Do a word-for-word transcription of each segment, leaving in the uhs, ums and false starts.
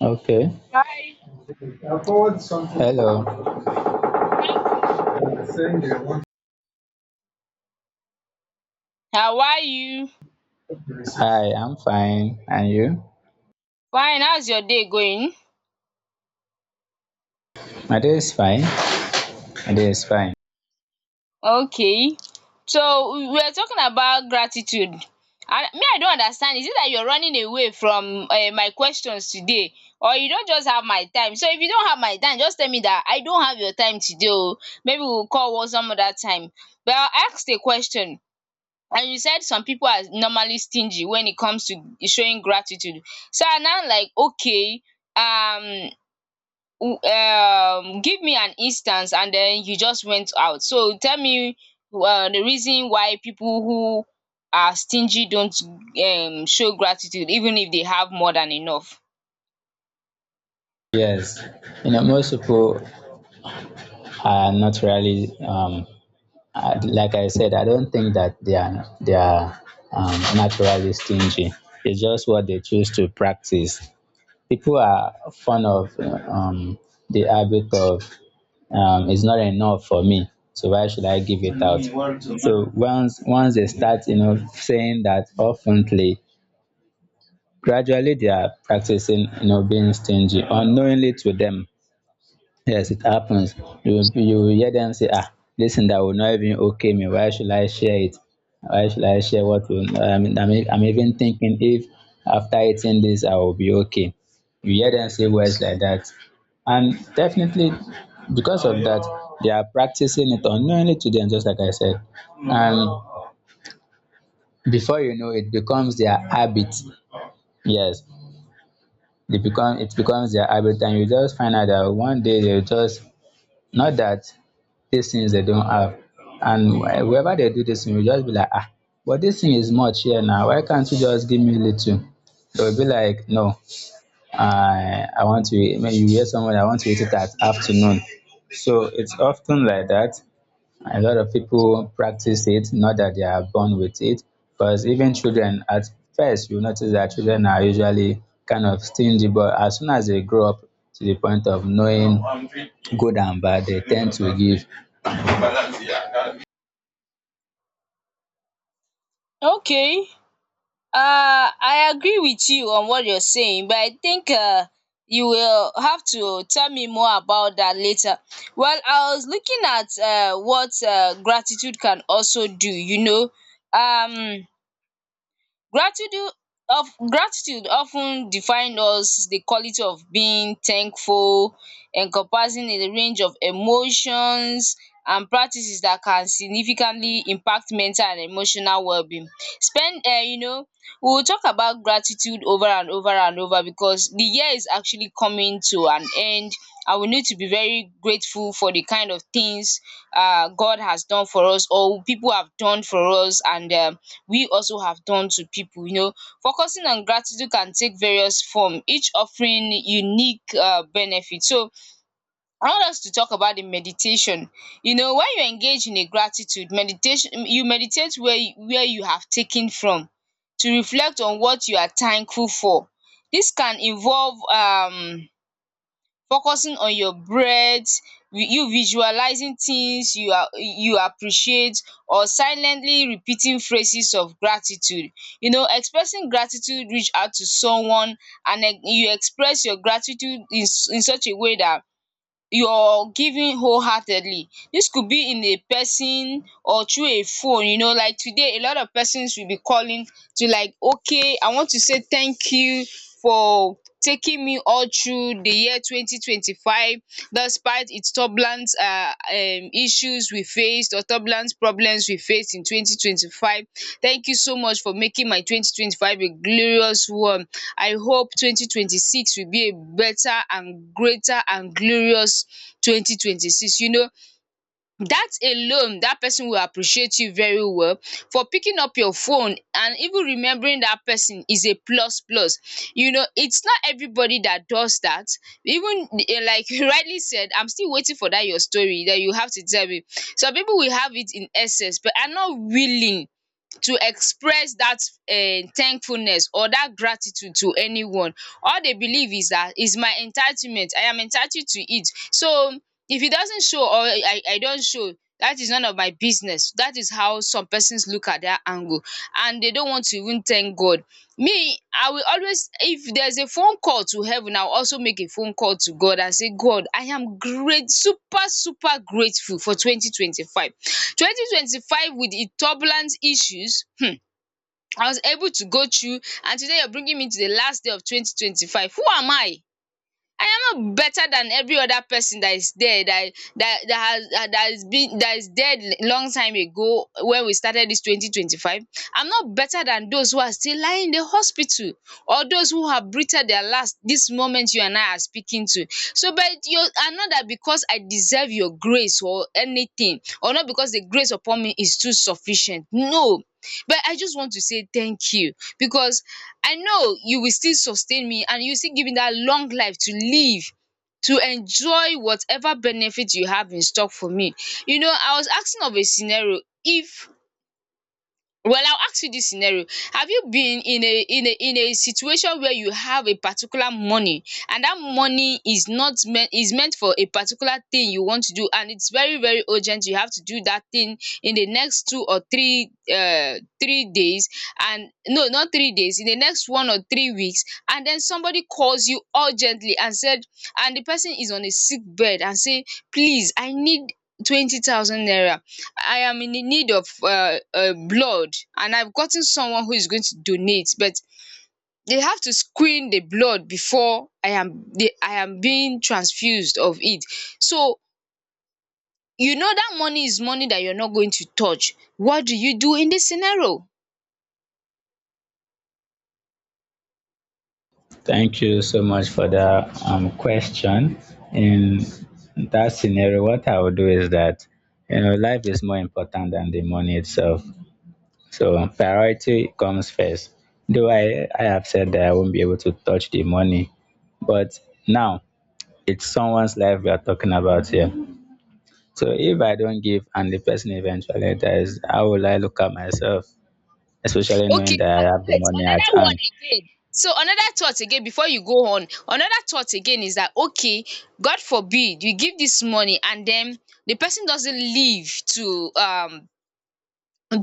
Okay. Hi. I forward something Hello. Saying you How are you? received. Hi, I'm fine. And you? Fine. How's your day going? My day is fine. My day is fine. Okay. So we are talking about gratitude. And me, I don't understand. Is it that you're running away from uh, my questions today, or you don't just have my time? So if you don't have my time, just tell me that I don't have your time today. Oh, maybe we'll call one some other time. But I asked a question, and you said some people are normally stingy when it comes to showing gratitude. So I'm now like, okay, um um give me an instance and then you just went out, so tell me um the reason why people who are stingy don't um show gratitude even if they have more than enough. Yes. You know, most people are not really, um, uh, like I said, I don't think that they are, they are um, naturally stingy. It's just what they choose to practice. People are fond of um, the habit of, um, it's not enough for me, so why should I give it out? So once once they start you know saying that oftenly, gradually they are practicing, you know being stingy unknowingly to them. Yes, it happens. You you will hear them say, ah, listen, that will not even okay me. Why should I share it? Why should I share what will? I mean, I'm, e- I'm even thinking if after eating this, I will be okay. You hear them say words like that, and definitely because of that, they are practicing it unknowingly to them, just like I said. And before you know, it becomes their habit. Yes, they become it becomes their habit, and you just find out that one day they will just not that these things they don't have. And wh- wherever they do this thing, we just be like, ah, but this thing is much here now. Why can't you just give me little? They will be like, no, I I want to. Eat. Maybe you hear someone, I want to eat it at afternoon. So it's often like that. A lot of people practice it, not that they are born with it, because even children at first, you notice that children are usually kind of stingy, but as soon as they grow up to the point of knowing good and bad, they tend to give. Okay. Uh, I agree with you on what you're saying, but I think uh you will have to tell me more about that later. Well, I was looking at uh what um gratitude can also do, you know. um Gratitude of gratitude of ten define us the quality of being thankful, encompassing a range of emotions and practices that can significantly impact mental and emotional wellbeing. Spend um you know, we will talk about gratitude over and over and over because the year is actually coming to an end, and we need to be very grateful for the kind of things uh, God has done for us or people have done for us, and um, we also have done to people. You know, focusing on gratitude can take various form, each offering unique uh, benefit. So I want us to talk about the meditation. You know, when you engage in a gratitude meditation, mm, you meditate where you where you have taken from to reflect on what you are thankful for. This can involve um focusing on your breath, vi- you visualizing things you are you appreciate or silently repeating phrases of gratitude. You know, expressing gratitude, reach out to someone and eh, you express your gratitude in s- in such a way that you're giving wholeheartedly. This could be in a person or through a phone, you know, like today a lot of persons will be calling to like, okay, I want to say thank you for taking me all through the year twenty twenty five despite its tough turbulent uh, um, issues we faced or turbulent problems we faced in twenty twenty-five. Thank you so much for making my twenty twenty-five a glorious one. I hope twenty twenty-six will be a better and greater and glorious twenty twenty-six. You know, that alone, that person will appreciate you very well for picking up your phone, and even remembering that person is a plus plus. You know, it's not everybody that does that. Even eh, like, you rightly said, I'm still waiting for that your story that you have to tell me. Some people will have it in excess but are not willing to express that um thankfulness or that gratitude to anyone. All they believe is that is my entitlement, I am entitled to it. So if it doesn't show, or I I don't show, that is none of my business. That is how some persons look at that angle, and they don't want to even thank God. Me, I will always, if there's a phone call to heaven, I'll also make a phone call to God and say, God, I am great, super, super grateful for twenty twenty-five. twenty twenty-five, with its turbulent issues, hmm, I was able to go through, and today you're bringing me to the last day of twenty twenty-five. Who am I? I am not better than every other person that is there, that that that has that that is been that is dead long time ago when we started this twenty twenty-five. I'm not better than those who are still lying in the hospital, or those who have breathed their last this moment you and I are speaking to. So but you and not that because I deserve your grace or anything, or not because the grace upon me is too sufficient. No. But I just want to say thank you because I know you will still sustain me and you still give me that long life to live, to enjoy whatever benefit you have in stock for me. You know, I was asking of a scenario if, well, I'll ask you this scenario. Have you been in a in a in a situation where you have a particular money, and that money is not meant, is meant for a particular thing you want to do, and it's very very urgent you have to do that thing in the next two or three uh three days, and no, not three days, in the next one or three weeks, and then somebody calls you urgently and said, and the person is on a sick bed and say, please, I need twenty thousand naira, I am in the need of uh, uh, blood, and I've gotten someone who is going to donate, but they have to screen the blood before I am they, I am being transfused of it. So you know that money is money that you're not going to touch. What do you do in this scenario? Thank you so much for that um, question. In that scenario, what I would do is that, you know, life is more important than the money itself. So priority comes first. Though I, I have said that I won't be able to touch the money, but now it's someone's life we are talking about here. So if I don't give and the person eventually dies, how will I look at myself? Especially knowing Okay, that I uh, have the wait, money at another one hand. again. So another thought again, before you go on, another thought again is that okay, God forbid you give this money and then the person doesn't live to um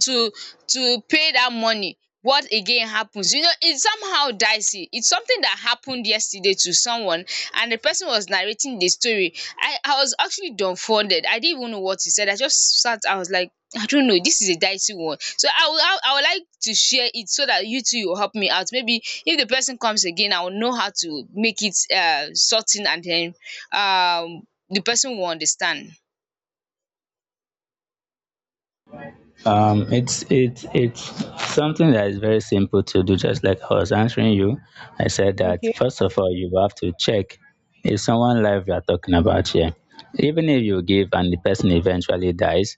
to to pay that money, what again happens? You know, it's somehow dicey, it's something that happened yesterday to someone, and the person was narrating the story. I i was actually dumbfounded, I didn't even know what he said, I just sat, I was like, I don't know, this is a dicey one, so i would i, I would like to share it so that you two will help me out, maybe if the person comes again I will know how to make it uh sorting, and then um the person will understand. Um, it's it's it's something that is very simple to do. Just like I was answering you, I said that first of all you have to check, is someone live you are talking about here. Even if you give and the person eventually dies,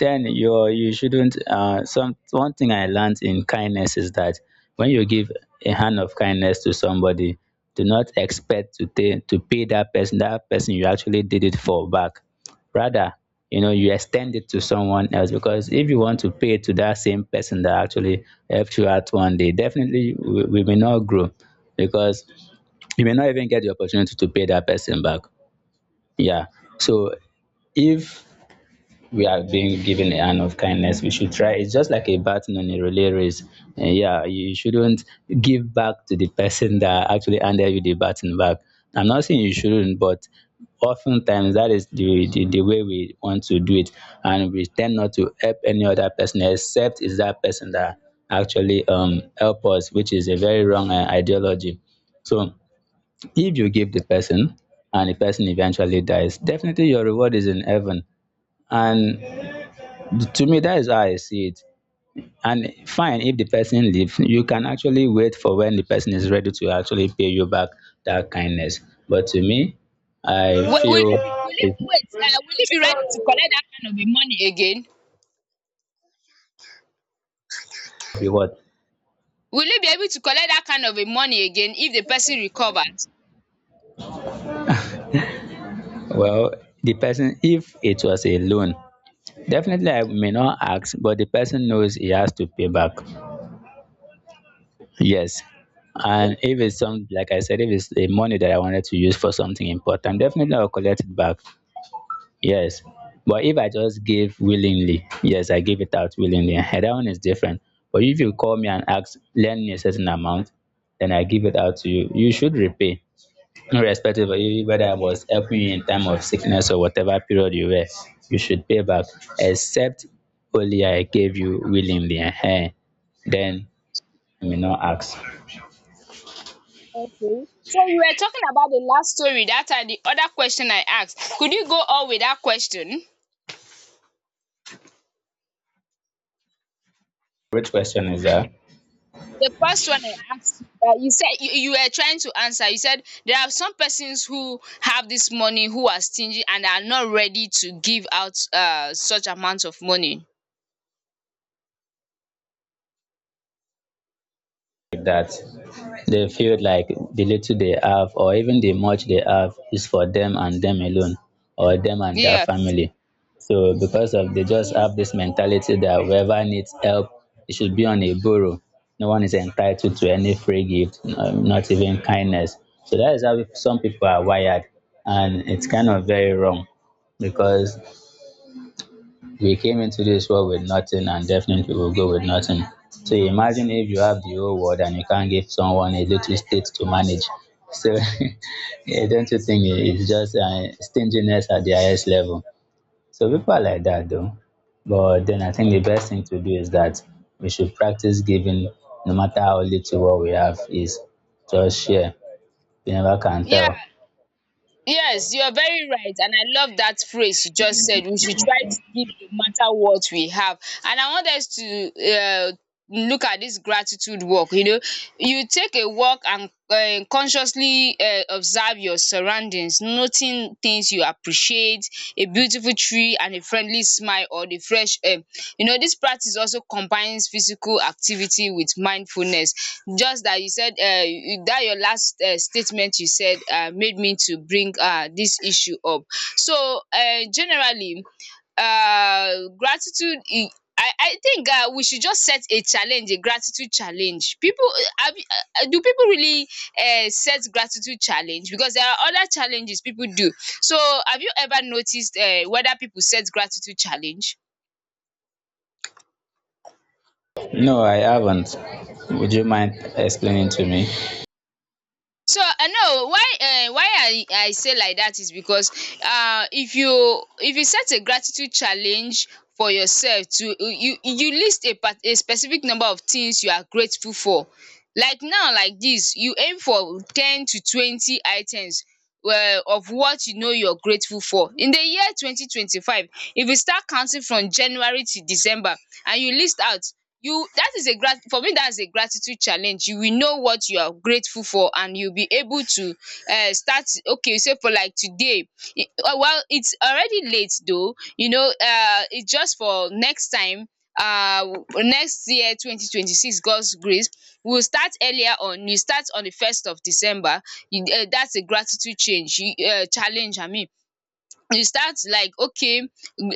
then you you shouldn't. Uh, some one thing I learned in kindness is that when you give a hand of kindness to somebody, do not expect to pay to pay that person that person you actually did it for back. Rather, you know, you extend it to someone else, because if you want to pay to that same person that actually helped you out one day, definitely we, we may not grow, because you may not even get the opportunity to pay that person back. Yeah. So if we are being given a hand of kindness, we should try. It's just like a baton on a relay race. Uh, yeah, you shouldn't give back to the person that actually handed you the baton back. I'm not saying you shouldn't, but oftentimes that is the, the, the way we want to do it. And we tend not to help any other person except it's that person that actually um, help us, which is a very wrong uh, ideology. So if you give the person and the person eventually dies, definitely your reward is in heaven. And to me, that is how I see it. And fine, if the person leave, you can actually wait for when the person is ready to actually pay you back that kindness. But to me, I Wi- Will feel you be, will you, it wait, uh, Will you be ready to collect that kind of a money again? be what? Will you be able to collect that kind of a money again if the person recovers? Well, the person, if it was a loan, definitely I may not ask, but the person knows he has to pay back. Yes. And Okay. if it's some, like I said, if it's a money that I wanted to use for something important, definitely I'll collect it back. Yes. But if I just give willingly, yes, I give it out willingly. And that one is different. But if you call me and ask, lend me a certain amount, then I give it out to you. You should repay, irrespective of you- whether I was helping you in time of sickness or whatever period you were. You should pay back, except only I gave you willingly. Ehen. Then you may not ask. Okay. So you were talking about the last story, that are the other question I asked. Could you go on with that question? Which question is that? The first one I asked, uh, you said you, you were trying to answer. You said there are some persons who have this money who are stingy and are not ready to give out uh, such amount of money. That they feel like the little they have or even the much they have is for them and them alone, or them and their Yes. family. So because of, they just have this mentality that whoever needs help, it should be on a borrow. No one is entitled to any free gift, um, not even kindness. So that is how some people are wired, and it's kind of very wrong, because we came into this world with nothing and definitely will go with nothing. So imagine if you have the whole world and you can't give someone a little state to manage. So yeah, don't you think it's just uh, stinginess at the highest level? So people are like that though. But then I think the best thing to do is that we should practice giving no matter how little what we have is. Just share. You never can Yeah. tell. Yes, you are very right, and I love that phrase you just said. We should try to give no matter what we have. And I want us to um look at this gratitude walk, you know. You take a walk and um consciously um observe your surroundings, noting certain things you appreciate, a beautiful tree and a friendly smile or the fresh air. You know, this practice also combines physical activity with mindfulness. Just that you said, um dat your last um statement you said um made me to bring um dis issue up. So um generally, um gratitude, I I, I think um we should just set a challenge, a gratitude challenge. Pipu, have you, uh, do people really um set gratitude challenge? Because there are other challenges people do, so have you ever noticed um whether people set gratitude challenge? No, I haven't. Would you mind explaining to me? So I know why um why I I say like that is because uh, if you if you set a gratitude challenge for yourself, to you you list a part, a specific number of things you are grateful for. Like now like this, you aim for ten to twenty items um of what you know you are grateful for. In the year twenty twenty five, if you start counting from January to December, and you list out, you, that is a grat, for me that's a gratitude challenge, you will know what you are grateful for and you'll be able to uh start. Okay, say for like today, it, uh, well, it's already late though, you know, uh it's just for next time. uh Next year twenty twenty-six, God's grace, we'll start earlier on. You start on the first of December, you, uh, that's a gratitude change, you, uh, challenge I mean. You start like, okay, um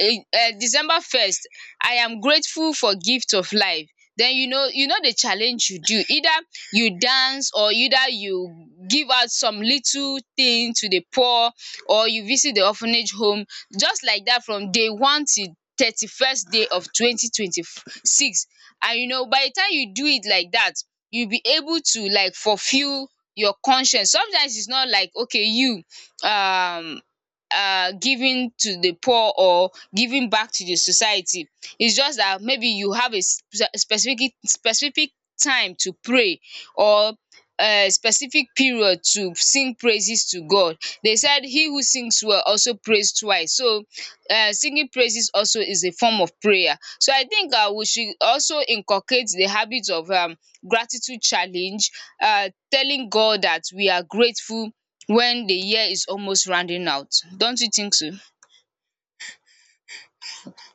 December first, I am grateful for gift of life. Then you know, you know the challenge you do, either you dance or either you give out some little thing to the poor, or you visit the orphanage home, just like that from day one till thirty-first day of twenty twenty-six. And you know by the time you do it like that, you will be able to like fulfill your conscience. Sometimes it's not like, okay, you um uh, giving to the poor or giving back to the society. It's just that maybe you have a spe- specific specific time to pray or a specific period to sing praises to God. They said he who sings well also prays twice. So um singing praises also is a form of prayer. So I think um we should also inculcate the habit of um gratitude challenge. Uh, telling God that we are grateful when the year is almost rounding out. Don't you think so?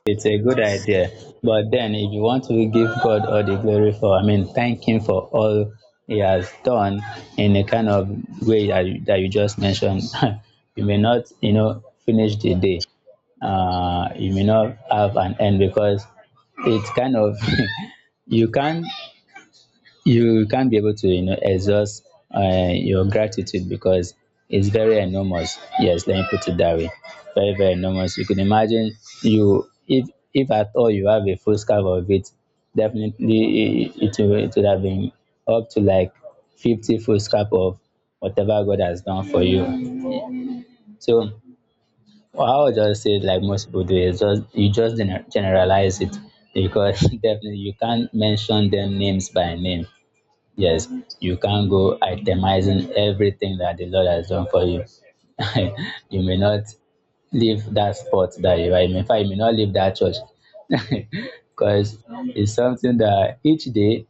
It's a good idea. But then, if you want to give God all the glory for, I mean, thank Him for all He has done in the kind of way that you, that you just mentioned, you may not, you know, finish the day. Uh, you may not have an end, because it's kind of you can't, you can't be able to you know exhaust uh, your gratitude, because it's very enormous. Yes, let me put it that way. Very, very enormous. You can imagine, you, if if at all you have a full scarf of it, definitely it, it, will- it would have been up to like fifty full scarf of whatever God has done for you. So I would just say, like most people do, is just you just gener- generalize it, because definitely you can't mention them names by name. Yes, you can't go itemizing everything that the Lord has done for you. You may not leave that spot that you are in. In fact, you may not leave that church because it's something that each day,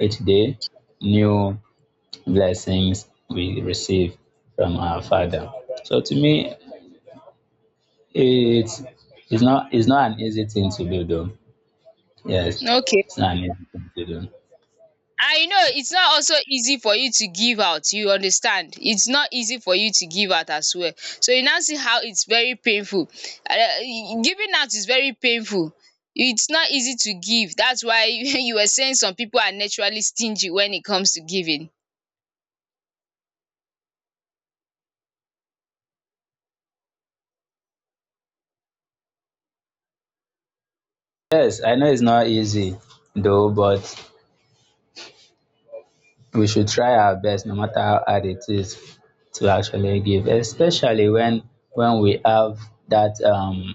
each day, new blessings we receive from our Father. So to me, it's it's not it's not an easy thing to do, though. Yes, Okay. it's not an easy thing to do. I know it's not also easy for you to give out. You understand? It's not easy for you to give out as well. So you now see how it's very painful. Um giving out is very painful. It's not easy to give. That's why you were saying some people are naturally stingy when it comes to giving. Yes, I know it's not easy though, but we should try our best no matter how hard it is to actually give, especially when when we have that, um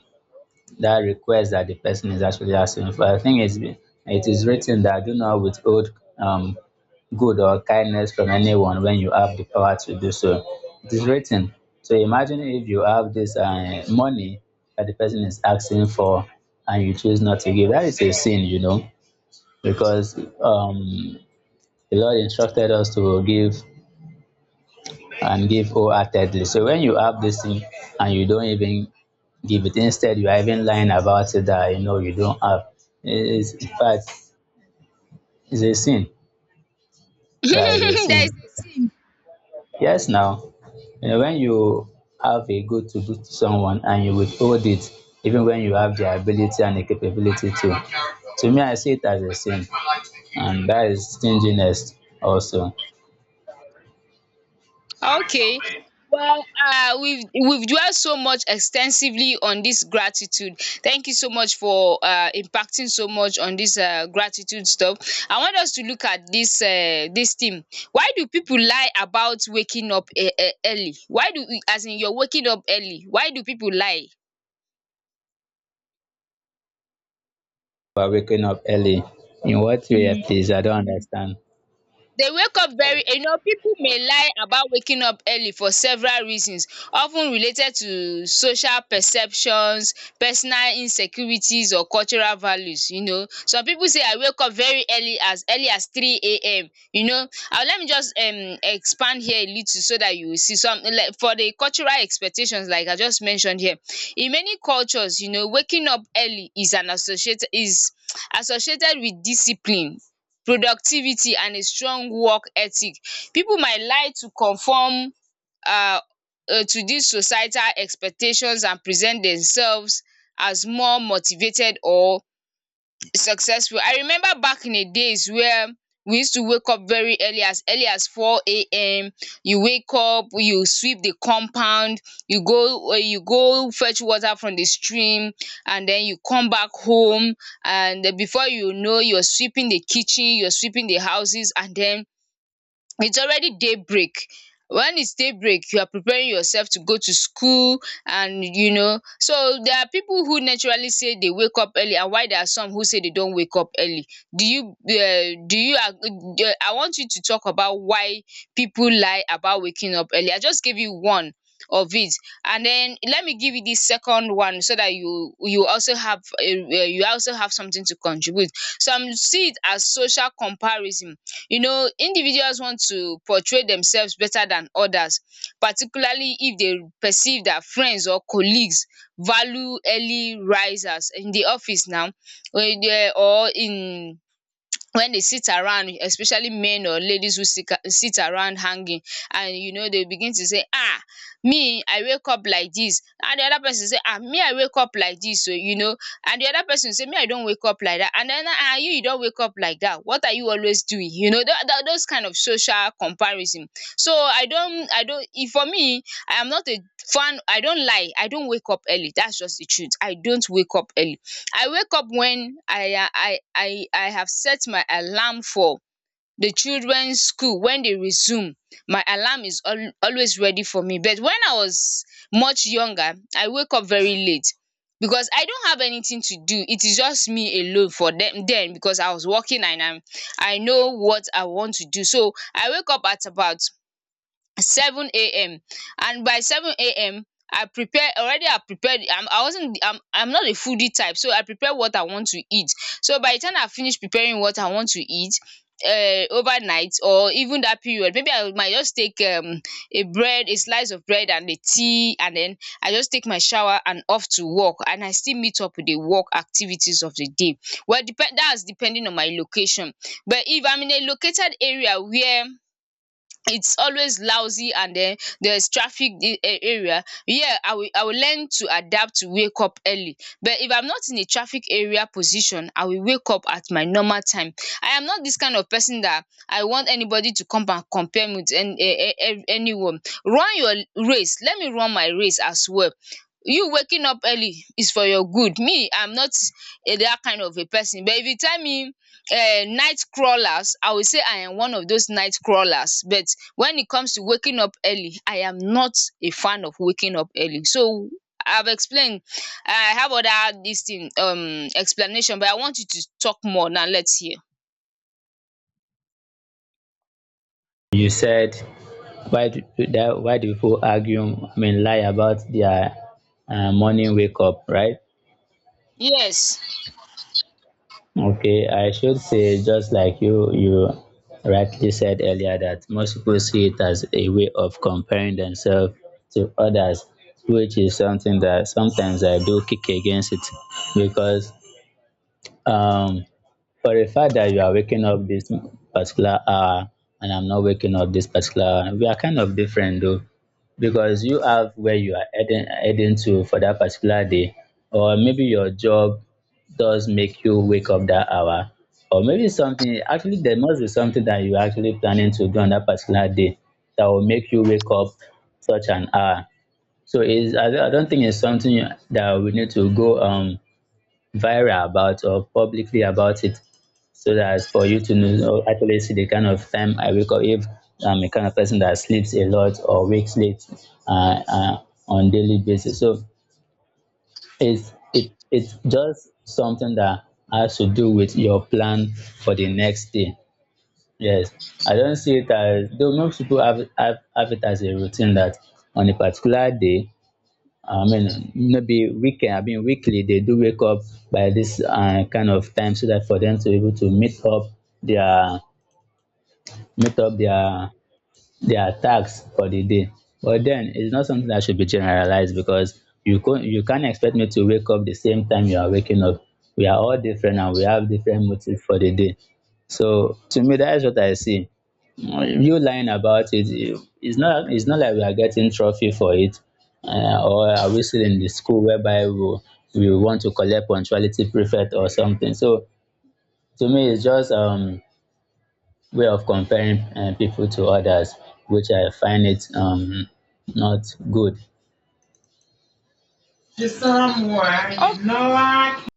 that request that the person is actually asking for. I think it's been- it is written that do not withhold, um good or kindness from anyone when you have the power to do so. It is written. So imagine if you have this uh, money that the person is asking for, and you choose not to give, that is a sin, you know, because, um the Lord instructed us to give and give wholeheartedly. So when you have this thing and you don't even give it, instead you are even lying about it that, you know, you don't have. It's, in fact, it's a sin. Yeah, it's a There is sin. a saying. Yes, now, you know, when you have a good to do to someone and you withhold it, even when you have the ability and the capability to. To me, I see it as a sin, and that is stinginess also. Okay. Well, uh, we've we've dwelled so much extensively on this gratitude. Thank you so much for uh, impacting so much on this uh, gratitude stuff. I want us to look at this uh, this theme. Why do people lie about waking up e- e- early? Why do, as in you're waking up early? Why do people lie? By waking up early. In what way, please? I don't understand. They wake up very, you know, people may lie about waking up early for several reasons often related to social perceptions, personal insecurities, or cultural values, you know. Some people say I wake up very early as early as three A M, you know, and let me just um expand here a little so that you will see some like for the cultural expectations like I just mentioned here. In many cultures, you know, waking up early is an associated is associated with discipline, productivity, and a strong work ethic. Pipu might like to conform um to dis societal expectations and present themselves as more motivated or successful. I remember back in the days where we used to wake up very early as early as four a m. You wake up, you sweep the compound, you go uh, you go fetch water from the stream and then you come back home, and then before you know, you're sweeping the kitchen, you're sweeping the houses, and then it's already daybreak. When it's daybreak, you are preparing yourself to go to school. And you know, so there are people who naturally say they wake up early and why there are some who say they don't wake up early. Do you um do you ag um I want you to talk about why people lie about waking up early. I just gave you one of it, and then let me give you the second one so that you you also have um you also have something to contribute. Some see it as social comparison. You know, individuals want to portray themselves better than others, particularly if they perceive their friends or colleagues value early risers in the office now or in the- or in when they sit around, especially men or ladies who sit sit around hanging, and you know they begin to say, ah, me I wake up like this, and the other person say, ah, me I wake up like this oo, you know, and the other person say, me I don't wake up like that, and then, ah, you you don't wake up like that, what are you always doing, you know, that that those kind of social comparison. So I don't, I don if for me, I am not a fan, I don't lie, I don't wake up early, that's just the truth, I don't wake up early. I wake up when I I I I have set my alarm for the children's school. When they resume, my alarm is al- always ready for me, but when I was much younger I wake up very late because I don't have anything to do, it is just me alone for them. Then because I was working and I'm, I know what I want to do, so I wake up at about seven a m And by seven a m. I prepare already I prepared I'm I wasn't I'm I'm not a foodie type, so I prepare what I want to eat. So by the time I finish preparing what I want to eat uh, overnight or even that period, maybe I might just take um a bread, a slice of bread and a tea, and then I just take my shower and off to work, and I still meet up with the work activities of the day. Well depend that's depending on my location, but if I'm in a located area where it's always lousy and den there's traffic i- a- area here, I will I will learn to adapt to wake up early. But if I'm not in a traffic area position, I will wake up at my normal time. I am not this kind of person that I want anybody to come and compare me with any a- a- a- anyone. Run your race, let me run my race as well. You waking up early is for your good. Me, I'm not a that kind of a person, but if you tell me, eh, night crawlers, I will say I am one of those night crawlers, but when it comes to waking up early, I am not a fan of waking up early. So I've explained, I have other this thing um explanation, but I want you to talk more. Now let's hear. You said, why do that why do people argue, I mean, lie about their uh, morning wake up, right? Yes. Okay, I should say, just like you you rightly said earlier, that most people see it as a way of comparing themselves to others, which is something that sometimes I do kick against it, because, um for the fact that you are waking up this particular hour and I'm not waking up this particular hour, we are kind of different though, because you have where you are heading, heading to for that particular day, or maybe your job does make you wake up that hour, or maybe something actually, there must be something that you're actually planning to do on that particular day that will make you wake up such an hour. So it's, I, don't- I don't think it's something that we need to go, um, viral about or publicly about it, so that for you to know actually see the kind of time I wake up. If I'm a kind of person that sleeps a lot or wakes late, uh, uh, on daily basis, so it's it it's just something that has to do with your plan for the next day. Yes, I don't see it as though most people have have, have it as a routine that on a particular day. I mean, maybe weekend. I mean, weekly they do wake up by this uh, kind of time so that for them to be able to meet up their meet up their their tasks for the day. But then it's not something that should be generalized, because you can you can't expect me to wake up the same time you are waking up. We are all different and we have different motives for the day. So to me, that is what I see. Mm, You lying about it, eh, it's not it's not like we are getting trophy for it. Uh, or are we still in the school whereby we, we want to collect punctuality prefect or something? So to me, it's just um way of comparing, uh, people to others, which I find it, um, not good. Someone, you know, I can.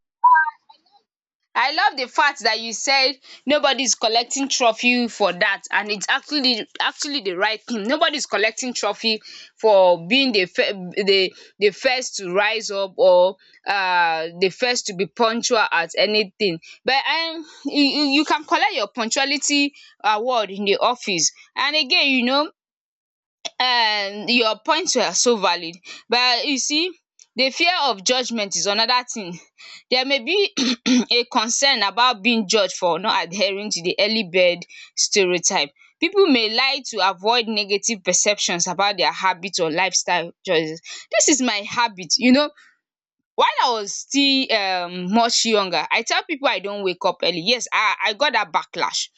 I love the fact that you said nobody's collecting trophy for that, and it's actually actually the right thing. Nobody's collecting trophy for being the fir- the the first to rise up or uh the first to be punctual at anything. But um you you you can collect your punctuality award in the office. And again, you know, um your points were so valid, but you see, the fear of judgement is another thing. There may be a concern about being judged for not adhering to the early bird stereotype. People may lie to avoid negative perceptions about their habits or lifestyle choices. This is my habit, you know, while I was still um much younger I tell people I don't wake up early. Yes, I I got that backlash.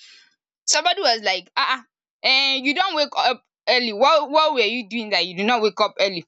Somebody was like, ah, ah, eh, you don't wake up early. What, what were you doing that you did not wake up early?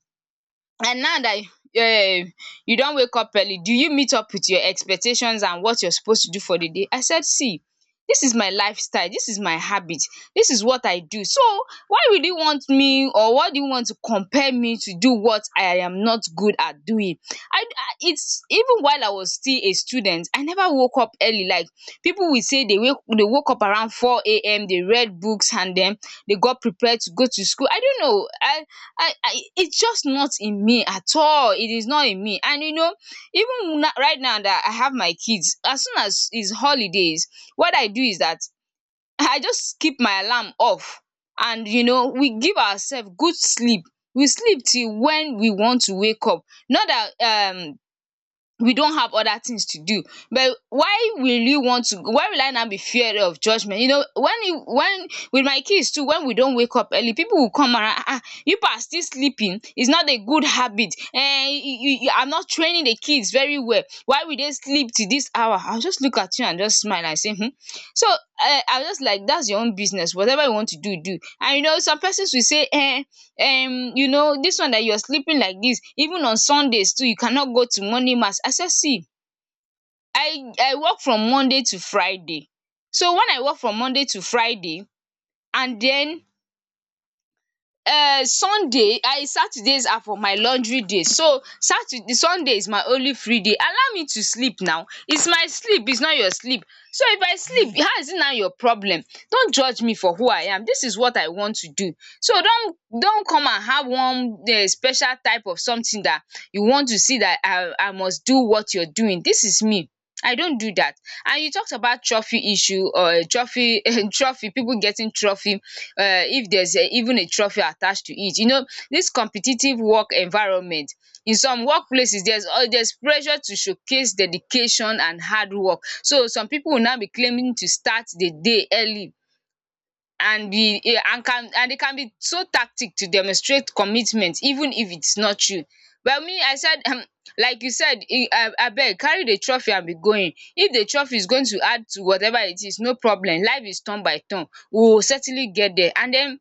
And now that um you not wake up early, do you meet up with your expectations and what you're supposed to do for the day? I said, see, this is my lifestyle, this is my habit, this is what I do. So why would you want me, or why do you want to compare me to do what I am not good at doing? I I it's even while I was still a student, I never woke up early. Like people will say they wake they woke up around four A M, they read books, and then they got prepared to go to school. I don't know. I I, I it's just not in me at all. It is not in me. And you know, even na- right now that I have my kids, as soon as it's holidays, what I do is that I just keep my alarm off. And you know, we give ourselves good sleep. We sleep till when we want to wake up. Not that um we don't have other things to do, but why will you want to why will I now be feared of judgment? You know, when you when with my kids too, when we don't wake up early, people will come around, ah, ah, you are still sleeping, it's not a good habit. And you you are not training the kids very well, why will they sleep to this hour? I will just look at you and just smile and say, "Hmm." So um I will just, like, that's your own business, whatever you want to do, do. And you know, some persons will say, um um you know, this one that you're sleeping like this, even on Sundays too you cannot go to morning mass. I said, see, I I work from Monday to Friday. So when I work from Monday to Friday, and then uh, sunday I Saturdays are for my laundry days, so Saturday Sunday is my only free day. Allow me to sleep now, it's my sleep, it's not your sleep. So if I sleep, how is it now your problem? Don't judge me for who I am, this is what I want to do. So don't don't come and have one um special type of something that you want to see that I I must do what you're doing. This is me. I don't do that. And you talked about trophy issue or trophy trophy people getting trophy um if there's a even a trophy attached to it. You know, this competitive work environment, in some workplaces there's uh, there's pressure to showcase dedication and hard work. So some people will now be claiming to start the day early, and the and can and they can be so tactic to demonstrate commitment even if it's not true. But me, I said, um like you said, e- um abeg carry the trophy and be going. If the trophy is going to add to whatever it is, no problem. Life is turn by turn, we will certainly get there. And den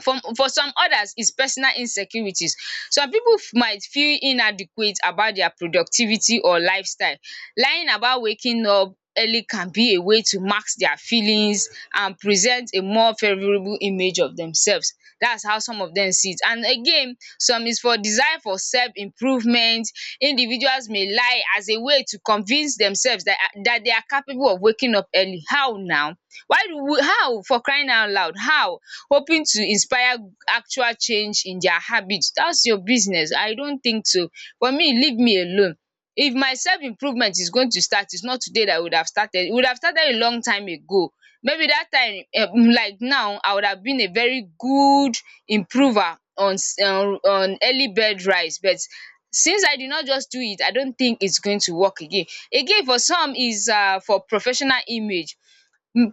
for for some others is personal insecurities. Some pipu might feel inadequate about their productivity or lifestyle. Lying about waking up early can be a way to mask their feelings and present a more favourable image of themselves. That's how some of dem see it. And again, some is for desire for self improvement. Individuals may lie as a way to convince themselves that that they are capable of waking up early. How now? Why do we, how, for crying out loud, how? Hoping to inspire actual change in their habit. That's your business. I don't think so. For me, leave me alone. If my self improvement is going to start, it's not today that I would have started. It would have started a long time ago. Maybe that time, um like now, I would have been a very good improver on s- um on early bed rise. But since I did not just do it, I don't think it's going to work again. Again, for some is um for professional image.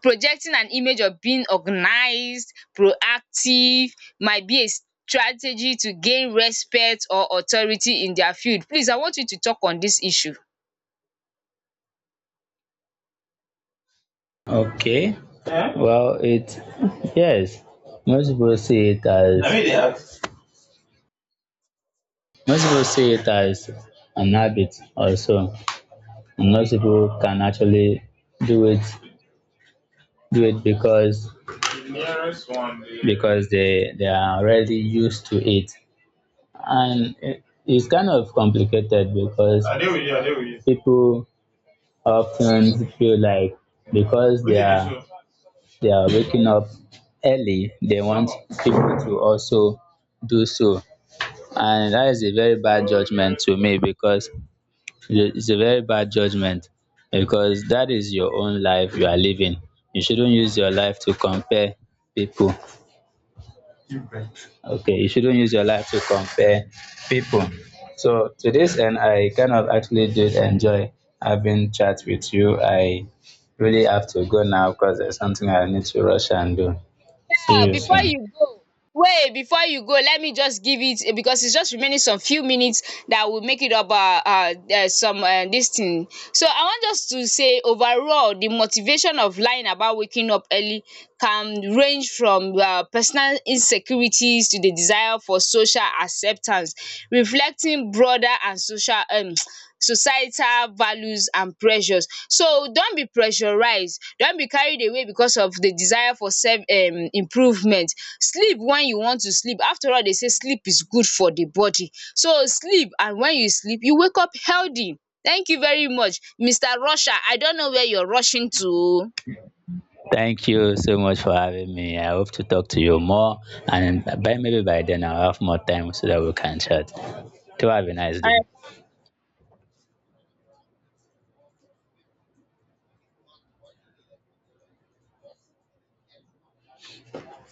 Projecting an image of being organized, proactive, might be a strategy to gain respect or authority in their field. Please, I want you to talk on this issue. Okay, huh? Well, it yes, most people see it I as I mean, they have. Most people see it as an habit also, and most people can actually do it do it because, The nearest one, the because they they are already used to it, and it, it's kind of complicated, because I deal with you, I deal with you. People often feel like, because they at are this they are waking up early, they want people to also do so, and that is a very bad judgment to me, because it- it's a very bad judgment, because that is your own life you are living. You shouldn't use your life to compare people. Okay, you shouldn't use your life to compare people. So to this end, I kind of actually did enjoy having chat with you. I really have to go now because there's something I need to rush and do. See Now, you before soon. you go. Wait, before you go, let me just give it because it's just remaining some few minutes that will make it up um um some um this thing. So I want just to say overall the motivation of lying about waking up early can range from um personal insecurities to the desire for social acceptance, reflecting broader and social um societal values and pressures. So don't be pressurized, don't be carried away because of the desire for self um improvement. Sleep when you want to sleep. After all, they say sleep is good for the body. So sleep, and when you sleep, you wake up healthy. Thank you very much, mister Rusher. I don't know where you're rushing to. Thank you so much for having me. I hope to talk to you more, and by maybe by then I'll have more time so that we can chat. Do have a nice day.